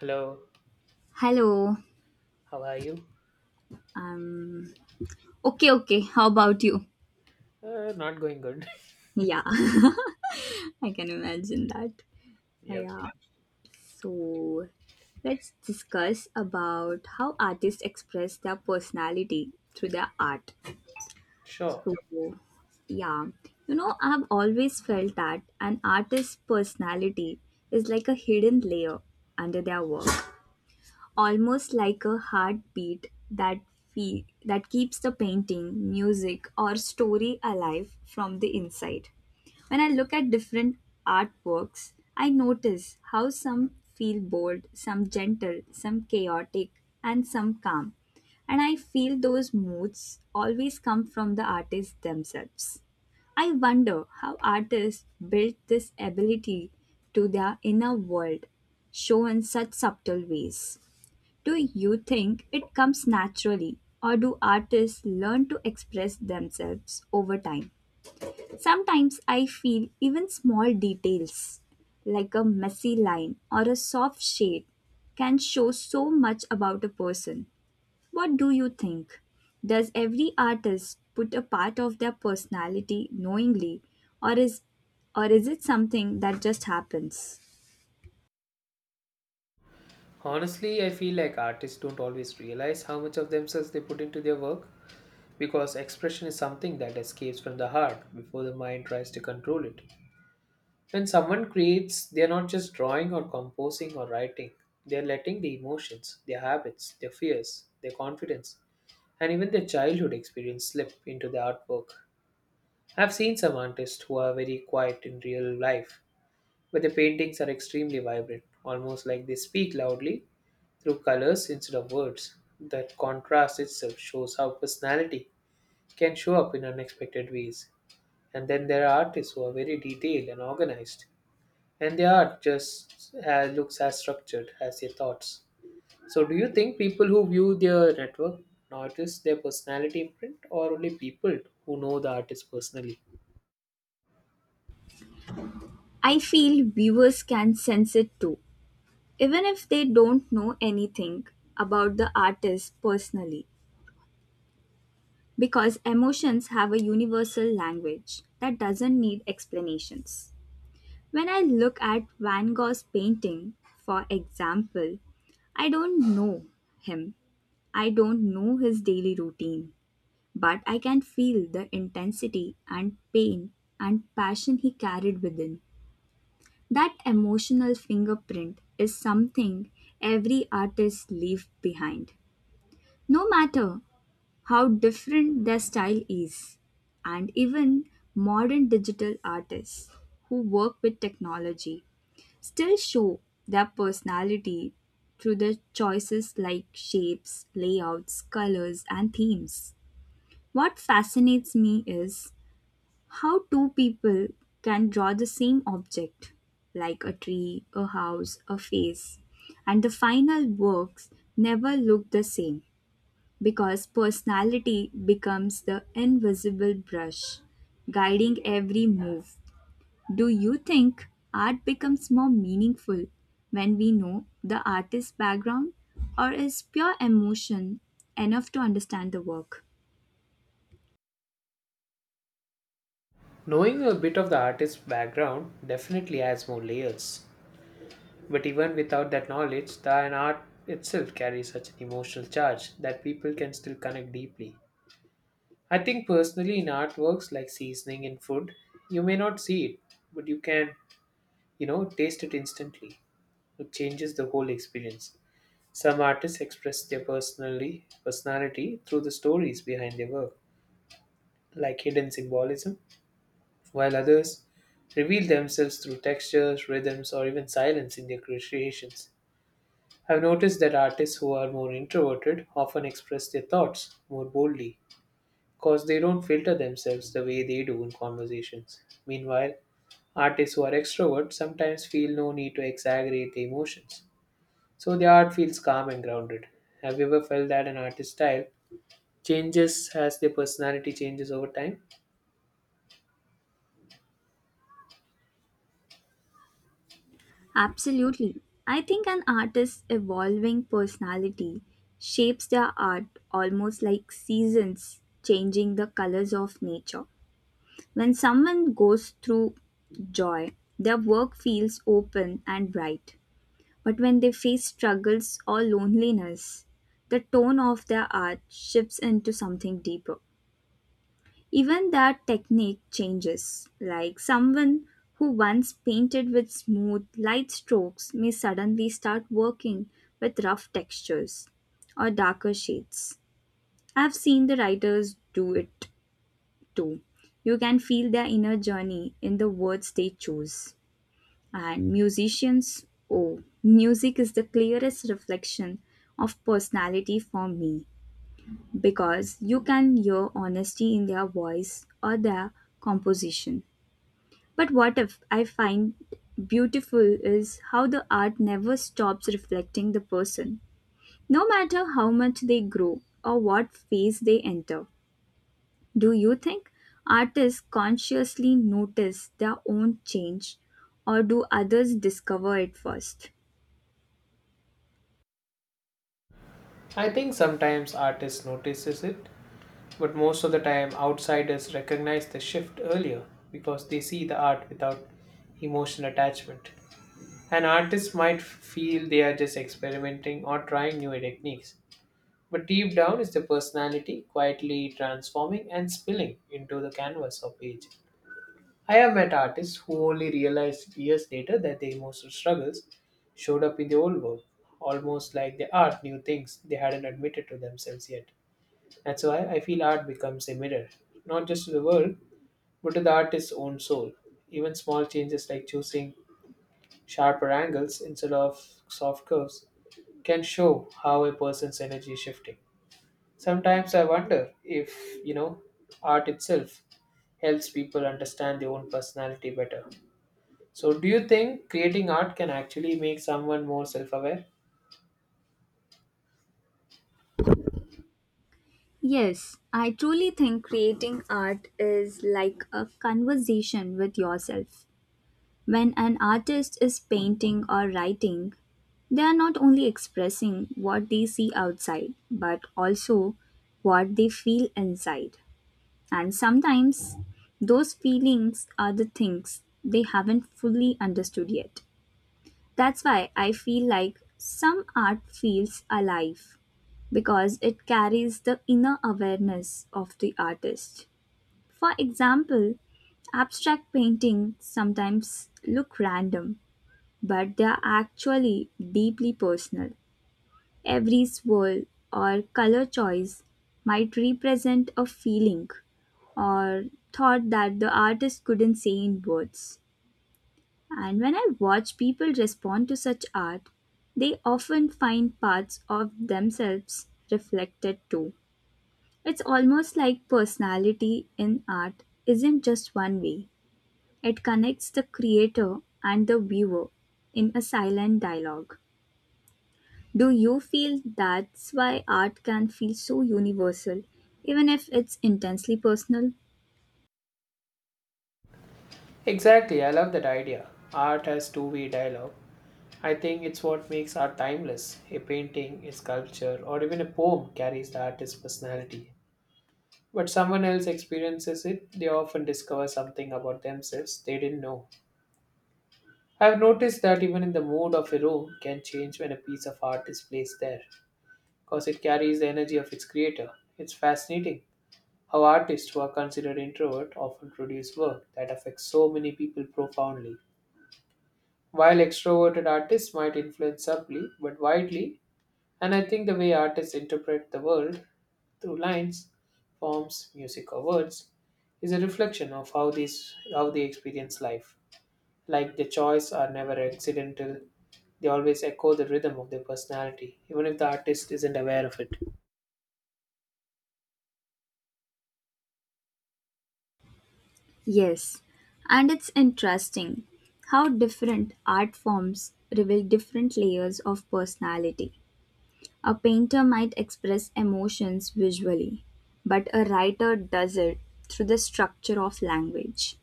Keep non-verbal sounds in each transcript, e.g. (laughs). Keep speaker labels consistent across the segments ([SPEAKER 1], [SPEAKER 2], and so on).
[SPEAKER 1] Hello,
[SPEAKER 2] Hello.
[SPEAKER 1] how are you?
[SPEAKER 2] Um. Okay. Okay. How about you?
[SPEAKER 1] Not going good.
[SPEAKER 2] Yeah, (laughs) I can imagine that.
[SPEAKER 1] (laughs) Yep.
[SPEAKER 2] Yeah. So let's discuss about how artists express their personality through their art.
[SPEAKER 1] Sure.
[SPEAKER 2] So yeah, you know, I've always felt that an artist's personality is like a hidden layer under their work. Almost like a heartbeat that that keeps the painting, music, or story alive from the inside. When I look at different artworks, I notice how some feel bold, some gentle, some chaotic, and some calm. And I feel those moods always come from the artists themselves. I wonder how artists built this ability to their inner world, shown in such subtle ways. Do you think it comes naturally, or do artists learn to express themselves over time? Sometimes I feel even small details, like a messy line or a soft shade, can show so much about a person. What do you think? Does every artist put a part of their personality knowingly, or is or is it something that just happens?
[SPEAKER 1] Honestly, I feel like artists don't always realize how much of themselves they put into their work because expression is something that escapes from the heart before the mind tries to control it. When someone creates, they are not just drawing or composing or writing, they are letting the emotions, their habits, their fears, their confidence, and even their childhood experience slip into the artwork. I've seen some artists who are very quiet in real life but the paintings are extremely vibrant, almost like they speak loudly through colors instead of words. That contrast itself shows how personality can show up in unexpected ways. And then there are artists who are very detailed and organized, and their art just looks as structured as their thoughts. So, do you think people who view their network notice their personality imprint, or only people who know the artist personally?
[SPEAKER 2] I feel viewers can sense it too, even if they don't know anything about the artist personally, because emotions have a universal language that doesn't need explanations. When I look at Van Gogh's painting, for example, I don't know him. I don't know his daily routine, but I can feel the intensity and pain and passion he carried within. That emotional fingerprint is something every artist leaves behind, no matter how different their style is, and even modern digital artists who work with technology still show their personality through their choices like shapes, layouts, colors, and themes. What fascinates me is how two people can draw the same object, like a tree, a house, a face, and the final works never look the same because personality becomes the invisible brush guiding every move. Do you think art becomes more meaningful when we know the artist's background, or is pure emotion enough to understand the work?
[SPEAKER 1] Knowing a bit of the artist's background definitely adds more layers. But even without that knowledge, the an art itself carries such an emotional charge that people can still connect deeply. I think personally in artworks like seasoning in food, you may not see it, but you can, taste it instantly. It changes the whole experience. Some artists express their personally personality through the stories behind their work, like hidden symbolism, while others reveal themselves through textures, rhythms, or even silence in their creations. I've noticed that artists who are more introverted often express their thoughts more boldly because they don't filter themselves the way they do in conversations. Meanwhile, artists who are extroverts sometimes feel no need to exaggerate their emotions, so their art feels calm and grounded. Have you ever felt that an artist's style changes as their personality changes over time?
[SPEAKER 2] Absolutely. I think an artist's evolving personality shapes their art almost like seasons changing the colors of nature. When someone goes through joy, their work feels open and bright. But when they face struggles or loneliness, the tone of their art shifts into something deeper. Even their technique changes. Like someone who once painted with smooth, light strokes may suddenly start working with rough textures or darker shades. I've seen the writers do it too. You can feel their inner journey in the words they choose. And musicians, oh, music is the clearest reflection of personality for me because you can hear honesty in their voice or their composition. But what if I find beautiful is how the art never stops reflecting the person, no matter how much they grow or what phase they enter. Do you think artists consciously notice their own change, or do others discover it first?
[SPEAKER 1] I think sometimes artists notices it, but most of the time outsiders recognize the shift earlier because they see the art without emotional attachment. An artist might feel they are just experimenting or trying new techniques, but deep down is the personality quietly transforming and spilling into the canvas or page. I have met artists who only realized years later that their emotional struggles showed up in the old work, almost like the art knew things they hadn't admitted to themselves yet. That's why I feel art becomes a mirror, not just to the world, but to the artist's own soul. Even small changes like choosing sharper angles instead of soft curves can show how a person's energy is shifting. Sometimes I wonder if, you know, art itself helps people understand their own personality better. So, do you think creating art can actually make someone more self aware?
[SPEAKER 2] Yes, I truly think creating art is like a conversation with yourself. When an artist is painting or writing, they are not only expressing what they see outside, but also what they feel inside. And sometimes those feelings are the things they haven't fully understood yet. That's why I feel like some art feels alive because it carries the inner awareness of the artist. For example, abstract paintings sometimes look random, but they are actually deeply personal. Every swirl or color choice might represent a feeling or thought that the artist couldn't say in words. And when I watch people respond to such art, they often find parts of themselves reflected too. It's almost like personality in art isn't just one way, it connects the creator and the viewer in a silent dialogue. Do you feel that's why art can feel so universal, even if it's intensely personal?
[SPEAKER 1] Exactly, I love that idea. Art has two-way dialogue. I think it's what makes art timeless. A painting, a sculpture, or even a poem carries the artist's personality. But someone else experiences it, they often discover something about themselves they didn't know. I've noticed that even in the mood of a room can change when a piece of art is placed there, because it carries the energy of its creator. It's fascinating how artists who are considered introvert often produce work that affects so many people profoundly, while extroverted artists might influence subtly but widely. And I think the way artists interpret the world through lines, forms, music, or words is a reflection of how these how they experience life. Like their choice are never accidental. They always echo the rhythm of their personality, even if the artist isn't aware of it.
[SPEAKER 2] Yes, and it's interesting how different art forms reveal different layers of personality. A painter might express emotions visually, but a writer does it through the structure of language,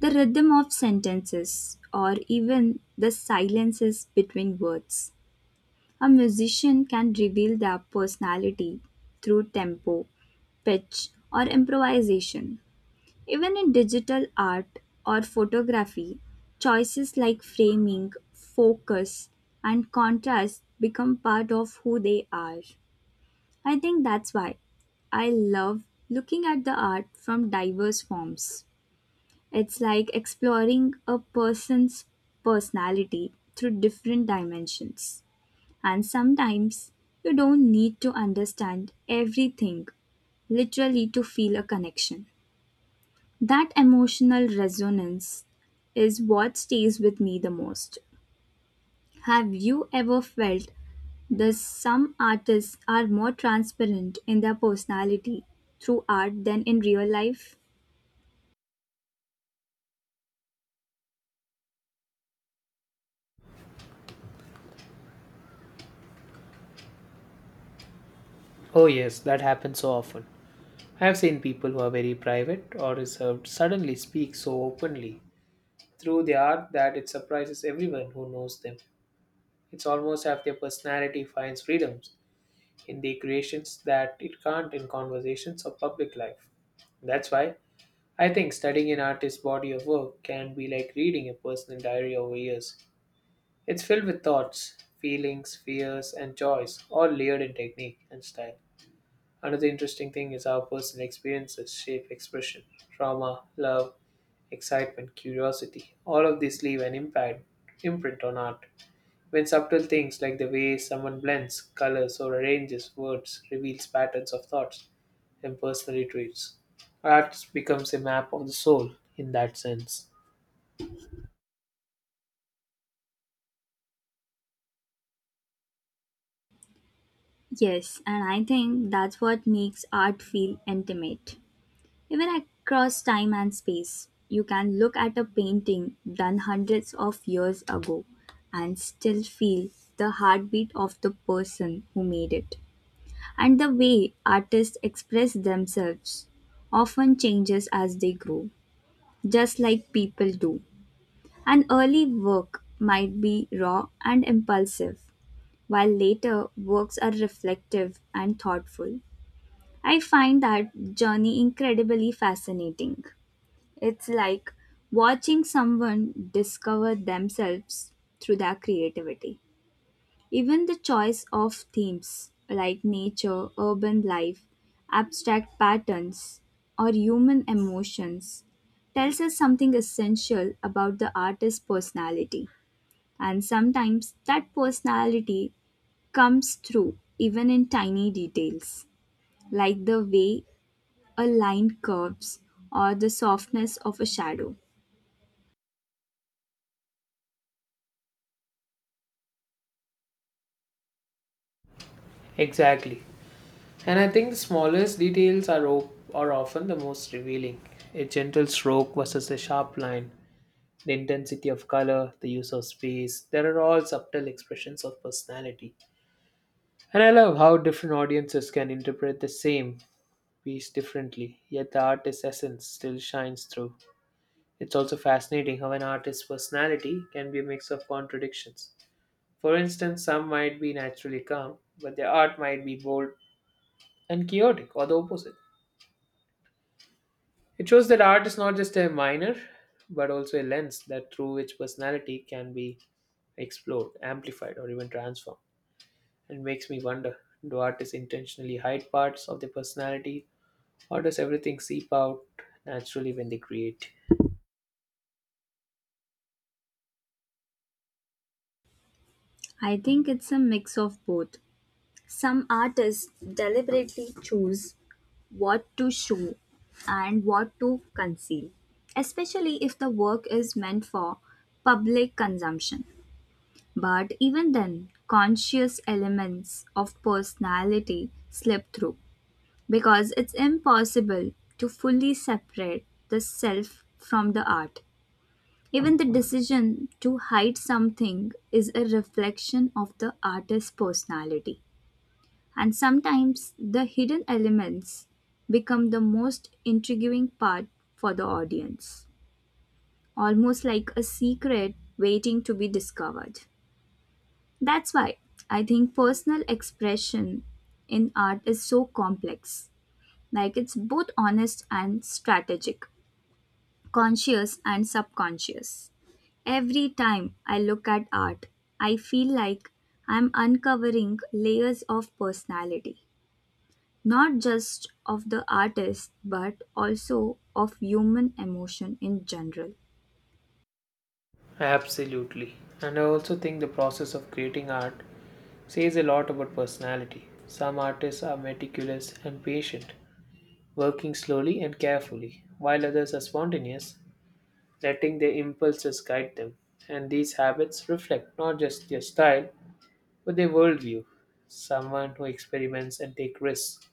[SPEAKER 2] the rhythm of sentences, or even the silences between words. A musician can reveal their personality through tempo, pitch, or improvisation, even in digital art or photography, choices like framing, focus, and contrast become part of who they are. I think that's why I love looking at the art from diverse forms. It's like exploring a person's personality through different dimensions. And sometimes you don't need to understand everything literally to feel a connection. That emotional resonance is what stays with me the most. Have you ever felt that some artists are more transparent in their personality through art than in real life?
[SPEAKER 1] Oh yes, that happens so often. I have seen people who are very private or reserved suddenly speak so openly through their art that it surprises everyone who knows them. It's almost as if their personality finds freedoms in their creations that it can't in conversations or public life. That's why I think studying an artist's body of work can be like reading a personal diary over years. It's filled with thoughts, feelings, fears, and joys, all layered in technique and style. Another interesting thing is how personal experiences shape expression. Trauma, love, excitement, curiosity, all of these leave an impact, imprint on art. When subtle things like the way someone blends, colors, or arranges words reveals patterns of thoughts and personality traits, art becomes a map of the soul in that sense.
[SPEAKER 2] Yes, and I think that's what makes art feel intimate. Even across time and space, you can look at a painting done hundreds of years ago and still feel the heartbeat of the person who made it. And the way artists express themselves often changes as they grow, just like people do. An early work might be raw and impulsive, while later works are reflective and thoughtful. I find that journey incredibly fascinating. It's like watching someone discover themselves through their creativity. Even the choice of themes like nature, urban life, abstract patterns, or human emotions tells us something essential about the artist's personality. And sometimes that personality comes through even in tiny details, like the way a line curves or the softness of a shadow.
[SPEAKER 1] Exactly. And I think the smallest details are often the most revealing. A gentle stroke versus a sharp line, the intensity of color, the use of space, there are all subtle expressions of personality. And I love how different audiences can interpret the same piece differently, yet the artist's essence still shines through. It's also fascinating how an artist's personality can be a mix of contradictions. For instance, some might be naturally calm, but their art might be bold and chaotic, or the opposite. It shows that art is not just a minor, but also a lens that through which personality can be explored, amplified, or even transformed. And makes me wonder, do artists intentionally hide parts of their personality, or does everything seep out naturally when they create?
[SPEAKER 2] I think it's a mix of both. Some artists deliberately choose what to show and what to conceal, especially if the work is meant for public consumption. But even then, conscious elements of personality slip through because it's impossible to fully separate the self from the art. Even the decision to hide something is a reflection of the artist's personality. And sometimes the hidden elements become the most intriguing part for the audience, almost like a secret waiting to be discovered. That's why I think personal expression in art is so complex, like it's both honest and strategic, conscious and subconscious. Every time I look at art, I feel like I'm uncovering layers of personality, not just of the artist but also of human emotion in general.
[SPEAKER 1] Absolutely. And I also think the process of creating art says a lot about personality. Some artists are meticulous and patient, working slowly and carefully, while others are spontaneous letting their impulses guide them. And these habits reflect not just their style, but their worldview. Someone who experiments and takes risks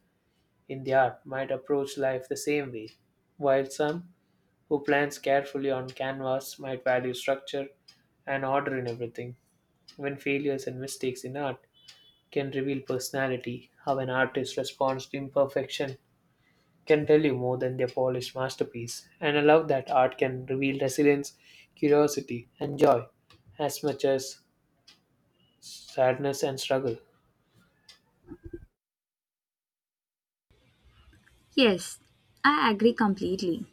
[SPEAKER 1] in the art might approach life the same way, while some who plans carefully on canvas might value structure and order in everything. Even failures and mistakes in art can reveal personality, how an artist responds to imperfection can tell you more than their polished masterpiece, and I love that art can reveal resilience, curiosity, and joy as much as sadness and struggle.
[SPEAKER 2] Yes, I agree completely.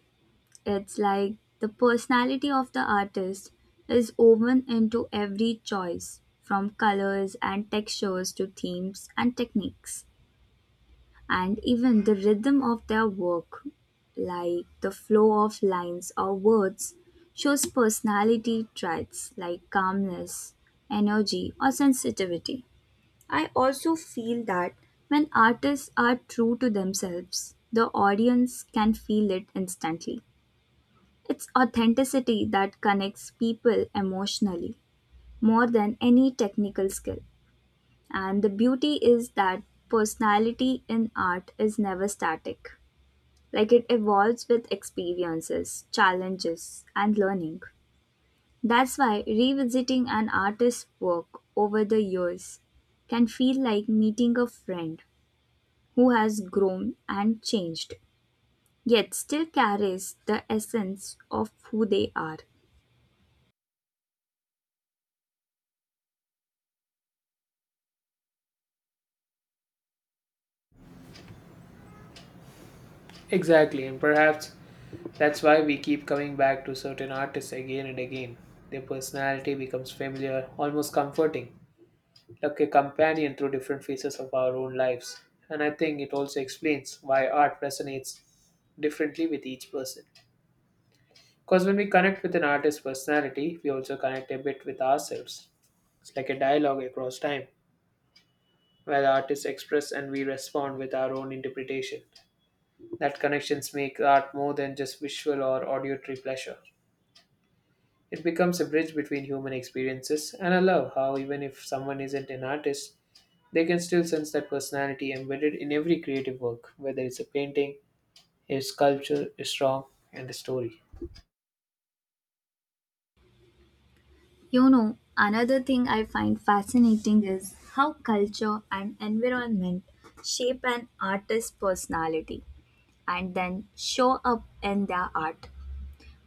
[SPEAKER 2] It's like the personality of the artist is woven into every choice, from colors and textures to themes and techniques, and even the rhythm of their work, like the flow of lines or words, shows personality traits like calmness, energy, or sensitivity. I also feel that when artists are true to themselves, the audience can feel it instantly. It's authenticity that connects people emotionally more than any technical skill. And the beauty is that personality in art is never static. Like it evolves with experiences, challenges, and learning. That's why revisiting an artist's work over the years can feel like meeting a friend who has grown and changed, yet still carries the essence of who they are.
[SPEAKER 1] Exactly, and perhaps that's why we keep coming back to certain artists again and again. Their personality becomes familiar, almost comforting, like a companion through different phases of our own lives. And I think it also explains why art resonates differently with each person. Because when we connect with an artist's personality, we also connect a bit with ourselves. It's like a dialogue across time where the artists express and we respond with our own interpretation. That connections make art more than just visual or auditory pleasure. It becomes a bridge between human experiences, and I love how even if someone isn't an artist, they can still sense that personality embedded in every creative work, whether it's a painting, a sculpture, a song, and a story.
[SPEAKER 2] You know, another thing I find fascinating is how culture and environment shape an artist's personality and then show up in their art.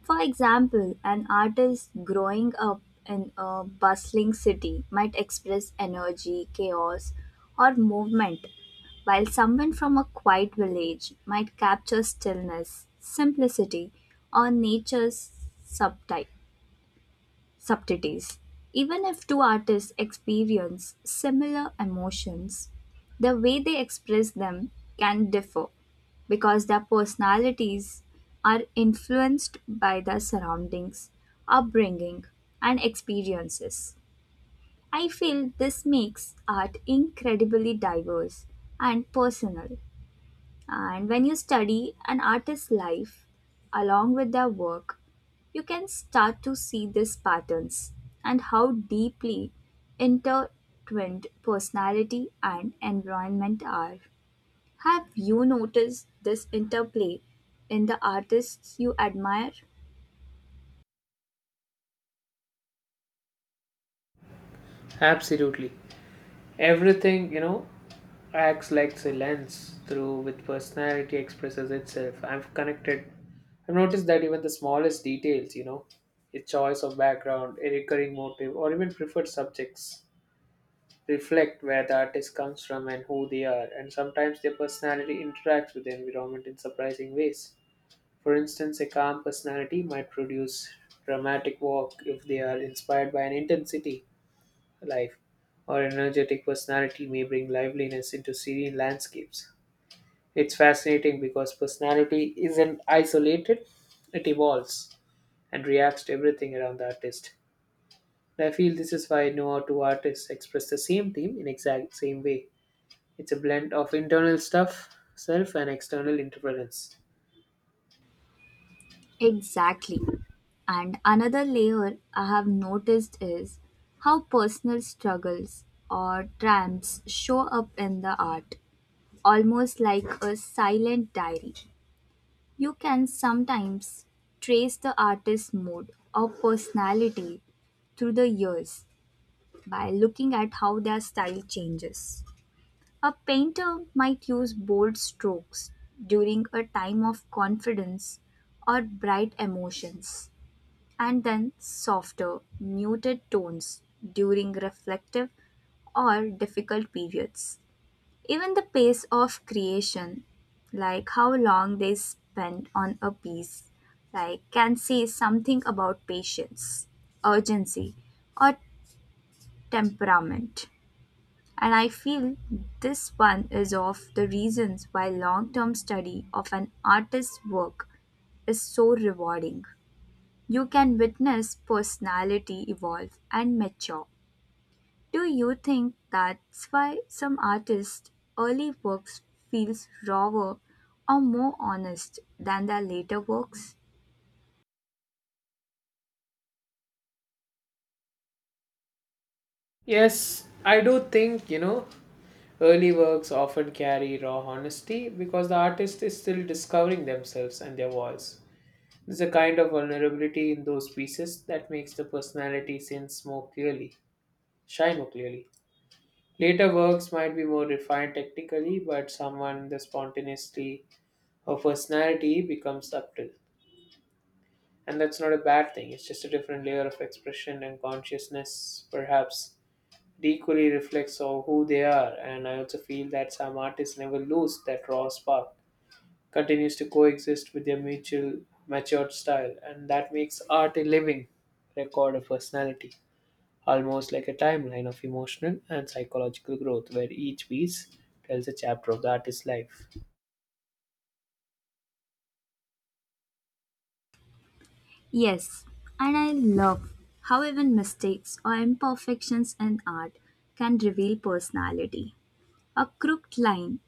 [SPEAKER 2] For example, an artist growing up in a bustling city might express energy, chaos, or movement, while someone from a quiet village might capture stillness, simplicity, or nature's subtype subtleties. Even if two artists experience similar emotions, the way they express them can differ because their personalities are influenced by their surroundings, upbringing, and experiences. I feel this makes art incredibly diverse and personal, and when you study an artist's life along with their work, you can start to see these patterns and how deeply intertwined personality and environment are. Have you noticed this interplay in the artists you admire?
[SPEAKER 1] Absolutely. Everything, acts like a lens through which personality expresses itself. I've connected. I've noticed that even the smallest details, a choice of background, a recurring motive, or even preferred subjects, reflect where the artist comes from and who they are. And sometimes their personality interacts with the environment in surprising ways. For instance, a calm personality might produce dramatic work if they are inspired by an intensity life, or an energetic personality may bring liveliness into serene landscapes. It's fascinating because personality isn't isolated, it evolves and reacts to everything around the artist. And I feel this is why no two artists express the same theme in exact same way. It's a blend of internal stuff, self and external interference.
[SPEAKER 2] Exactly. And another layer I have noticed is how personal struggles or triumphs show up in the art, almost like a silent diary. You can sometimes trace the artist's mood or personality through the years by looking at how their style changes. A painter might use bold strokes during a time of confidence or bright emotions, and then softer, muted tones during reflective or difficult periods. Even the pace of creation, like how long they spend on a piece, like can say something about patience, urgency, or temperament. And I feel this one is of the reasons why long-term study of an artist's work is so rewarding. You can witness personality evolve and mature. Do you think that's why some artists' early works feels rawer or more honest than their later works?
[SPEAKER 1] Yes, I do think, early works often carry raw honesty because the artist is still discovering themselves and their voice. There's a kind of vulnerability in those pieces that makes the personality sense more clearly. Shine more clearly. Later works might be more refined technically, but someone the spontaneity or personality becomes subtle. And that's not a bad thing, it's just a different layer of expression and consciousness, perhaps. It equally reflects on who they are, and I also feel that some artists never lose that raw spark, continues to coexist with their mutual matured style, and that makes art a living record of personality, almost like a timeline of emotional and psychological growth where each piece tells a chapter of the artist's life.
[SPEAKER 2] Yes, and I love how even mistakes or imperfections in art can reveal personality. A crooked line,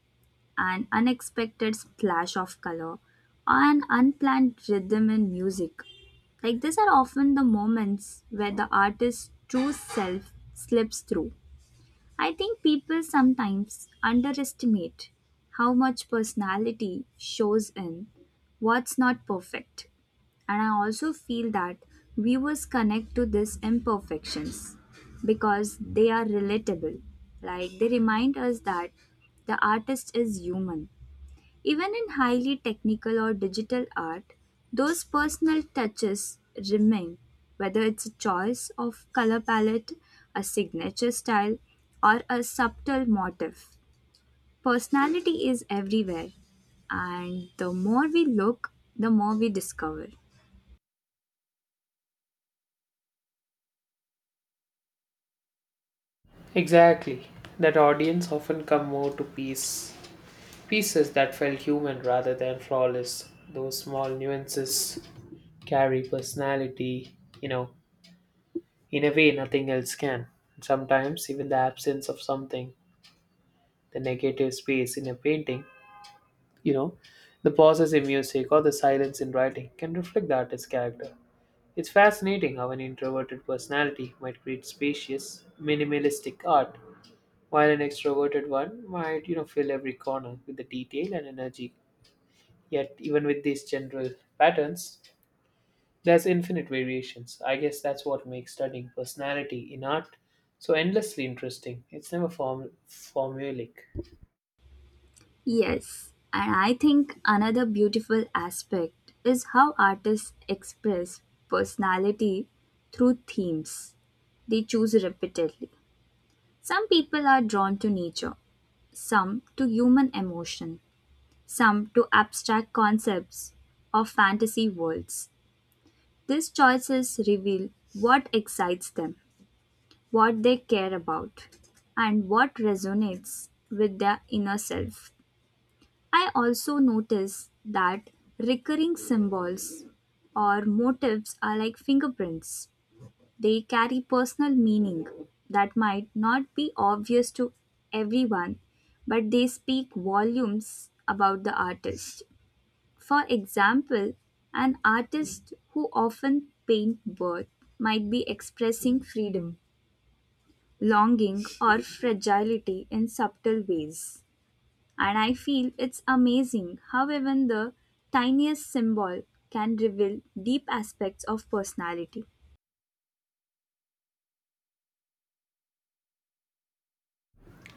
[SPEAKER 2] an unexpected splash of color, or an unplanned rhythm in music. Like these are often the moments where the artist's true self slips through. I think people sometimes underestimate how much personality shows in what's not perfect. And I also feel that viewers connect to these imperfections because they are relatable. Like they remind us that the artist is human, even in highly technical or digital art, those personal touches remain, whether it's a choice of color palette, a signature style, or a subtle motif. Personality is everywhere, and the more we look, the more we discover.
[SPEAKER 1] Exactly. That audience often come more to pieces that felt human rather than flawless. Those small nuances carry personality, in a way nothing else can. Sometimes even the absence of something, the negative space in a painting, you know, the pauses in music or the silence in writing can reflect the artist's character. It's fascinating how an introverted personality might create spacious, minimalistic art, while an extroverted one might, fill every corner with the detail and energy. Yet, even with these general patterns, there's infinite variations. I guess that's what makes studying personality in art so endlessly interesting. It's never formulaic.
[SPEAKER 2] Yes, and I think another beautiful aspect is how artists express personality through themes they choose repeatedly. Some people are drawn to nature, some to human emotion, some to abstract concepts of fantasy worlds. These choices reveal what excites them, what they care about, and what resonates with their inner self. I also notice that recurring symbols or motifs are like fingerprints. They carry personal meaning that might not be obvious to everyone, but they speak volumes about the artist. For example, an artist who often paints birth might be expressing freedom, longing, or fragility in subtle ways. And I feel it's amazing how even the tiniest symbol can reveal deep aspects of personality.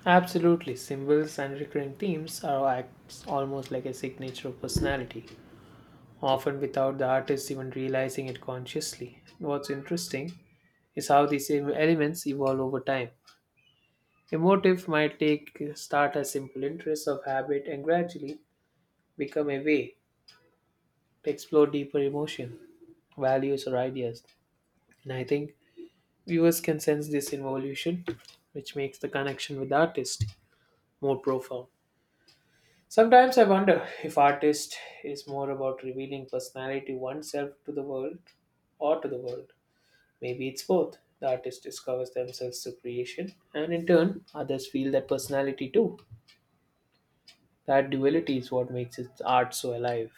[SPEAKER 1] Absolutely, symbols and recurring themes are acts almost like a signature of personality, often without the artist even realizing it consciously. What's interesting is how these elements evolve over time. A motive might take start as simple interest of habit and gradually become a way to explore deeper emotion, values, or ideas. And I think viewers can sense this evolution, which makes the connection with the artist more profound. Sometimes I wonder if artist is more about revealing personality oneself to the world or to the world Maybe it's both. The artist discovers themselves through creation, and in turn, others feel that personality too. That duality is what makes its art so alive.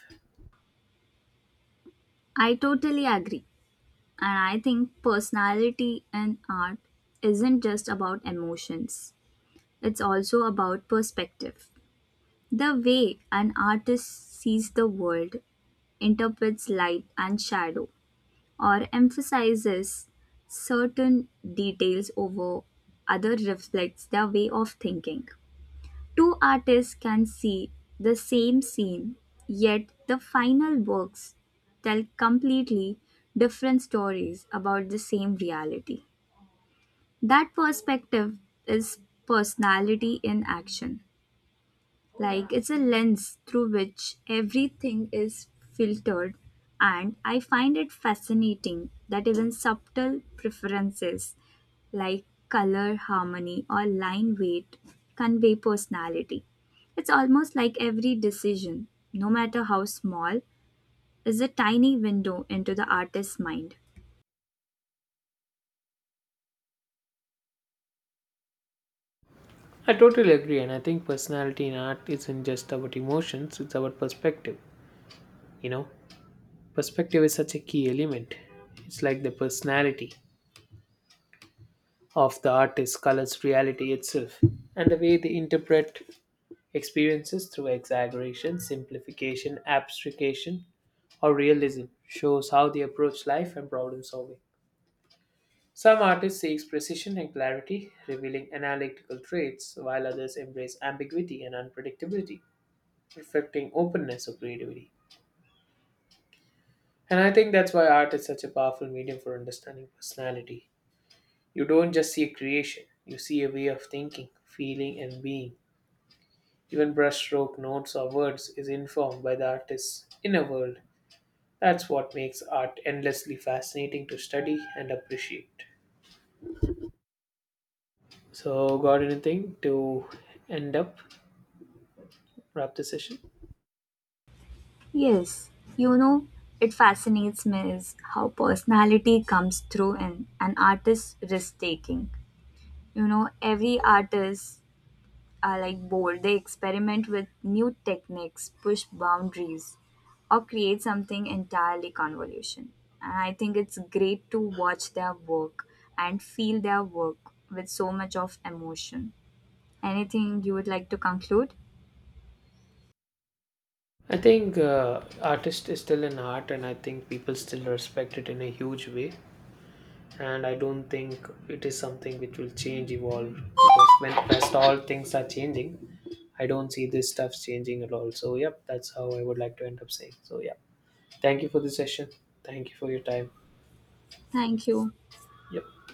[SPEAKER 2] I totally agree. And I think personality in art isn't just about emotions, it's also about perspective. The way an artist sees the world, interprets light and shadow, or emphasizes certain details over other reflects their way of thinking. Two artists can see the same scene, yet the final works tell completely different stories about the same reality. That perspective is personality in action. Like it's a lens through which everything is filtered, and I find it fascinating that even subtle preferences like color harmony or line weight convey personality. It's almost like every decision, no matter how small, is a tiny window into the artist's mind.
[SPEAKER 1] I totally agree, and I think personality in art isn't just about emotions, it's about perspective. You know, perspective is such a key element. It's like the personality of the artist colors reality itself, and the way they interpret experiences through exaggeration, simplification, abstraction, or realism shows how they approach life and problem solving. Some artists seek precision and clarity, revealing analytical traits, while others embrace ambiguity and unpredictability, reflecting openness or creativity. And I think that's why art is such a powerful medium for understanding personality. You don't just see a creation, you see a way of thinking, feeling, and being. Even brushstroke notes or words is informed by the artist's inner world. That's what makes art endlessly fascinating to study and appreciate. So, got anything to end up, wrap the session?
[SPEAKER 2] Yes, you know, it fascinates me is how personality comes through in an artist's risk taking. You know every artist are like bold, they experiment with new techniques, push boundaries, or create something entirely convolution, and I think it's great to watch their work and feel their work with so much of emotion. Anything you would like to conclude?
[SPEAKER 1] I think artist is still an art, and I think people still respect it in a huge way. And I don't think it is something which will change, evolve. Because when as all things are changing, I don't see this stuff changing at all. So, yep, that's how I would like to end up saying. So, yeah, thank you for the session. Thank you for your time.
[SPEAKER 2] Thank you.
[SPEAKER 1] Yep.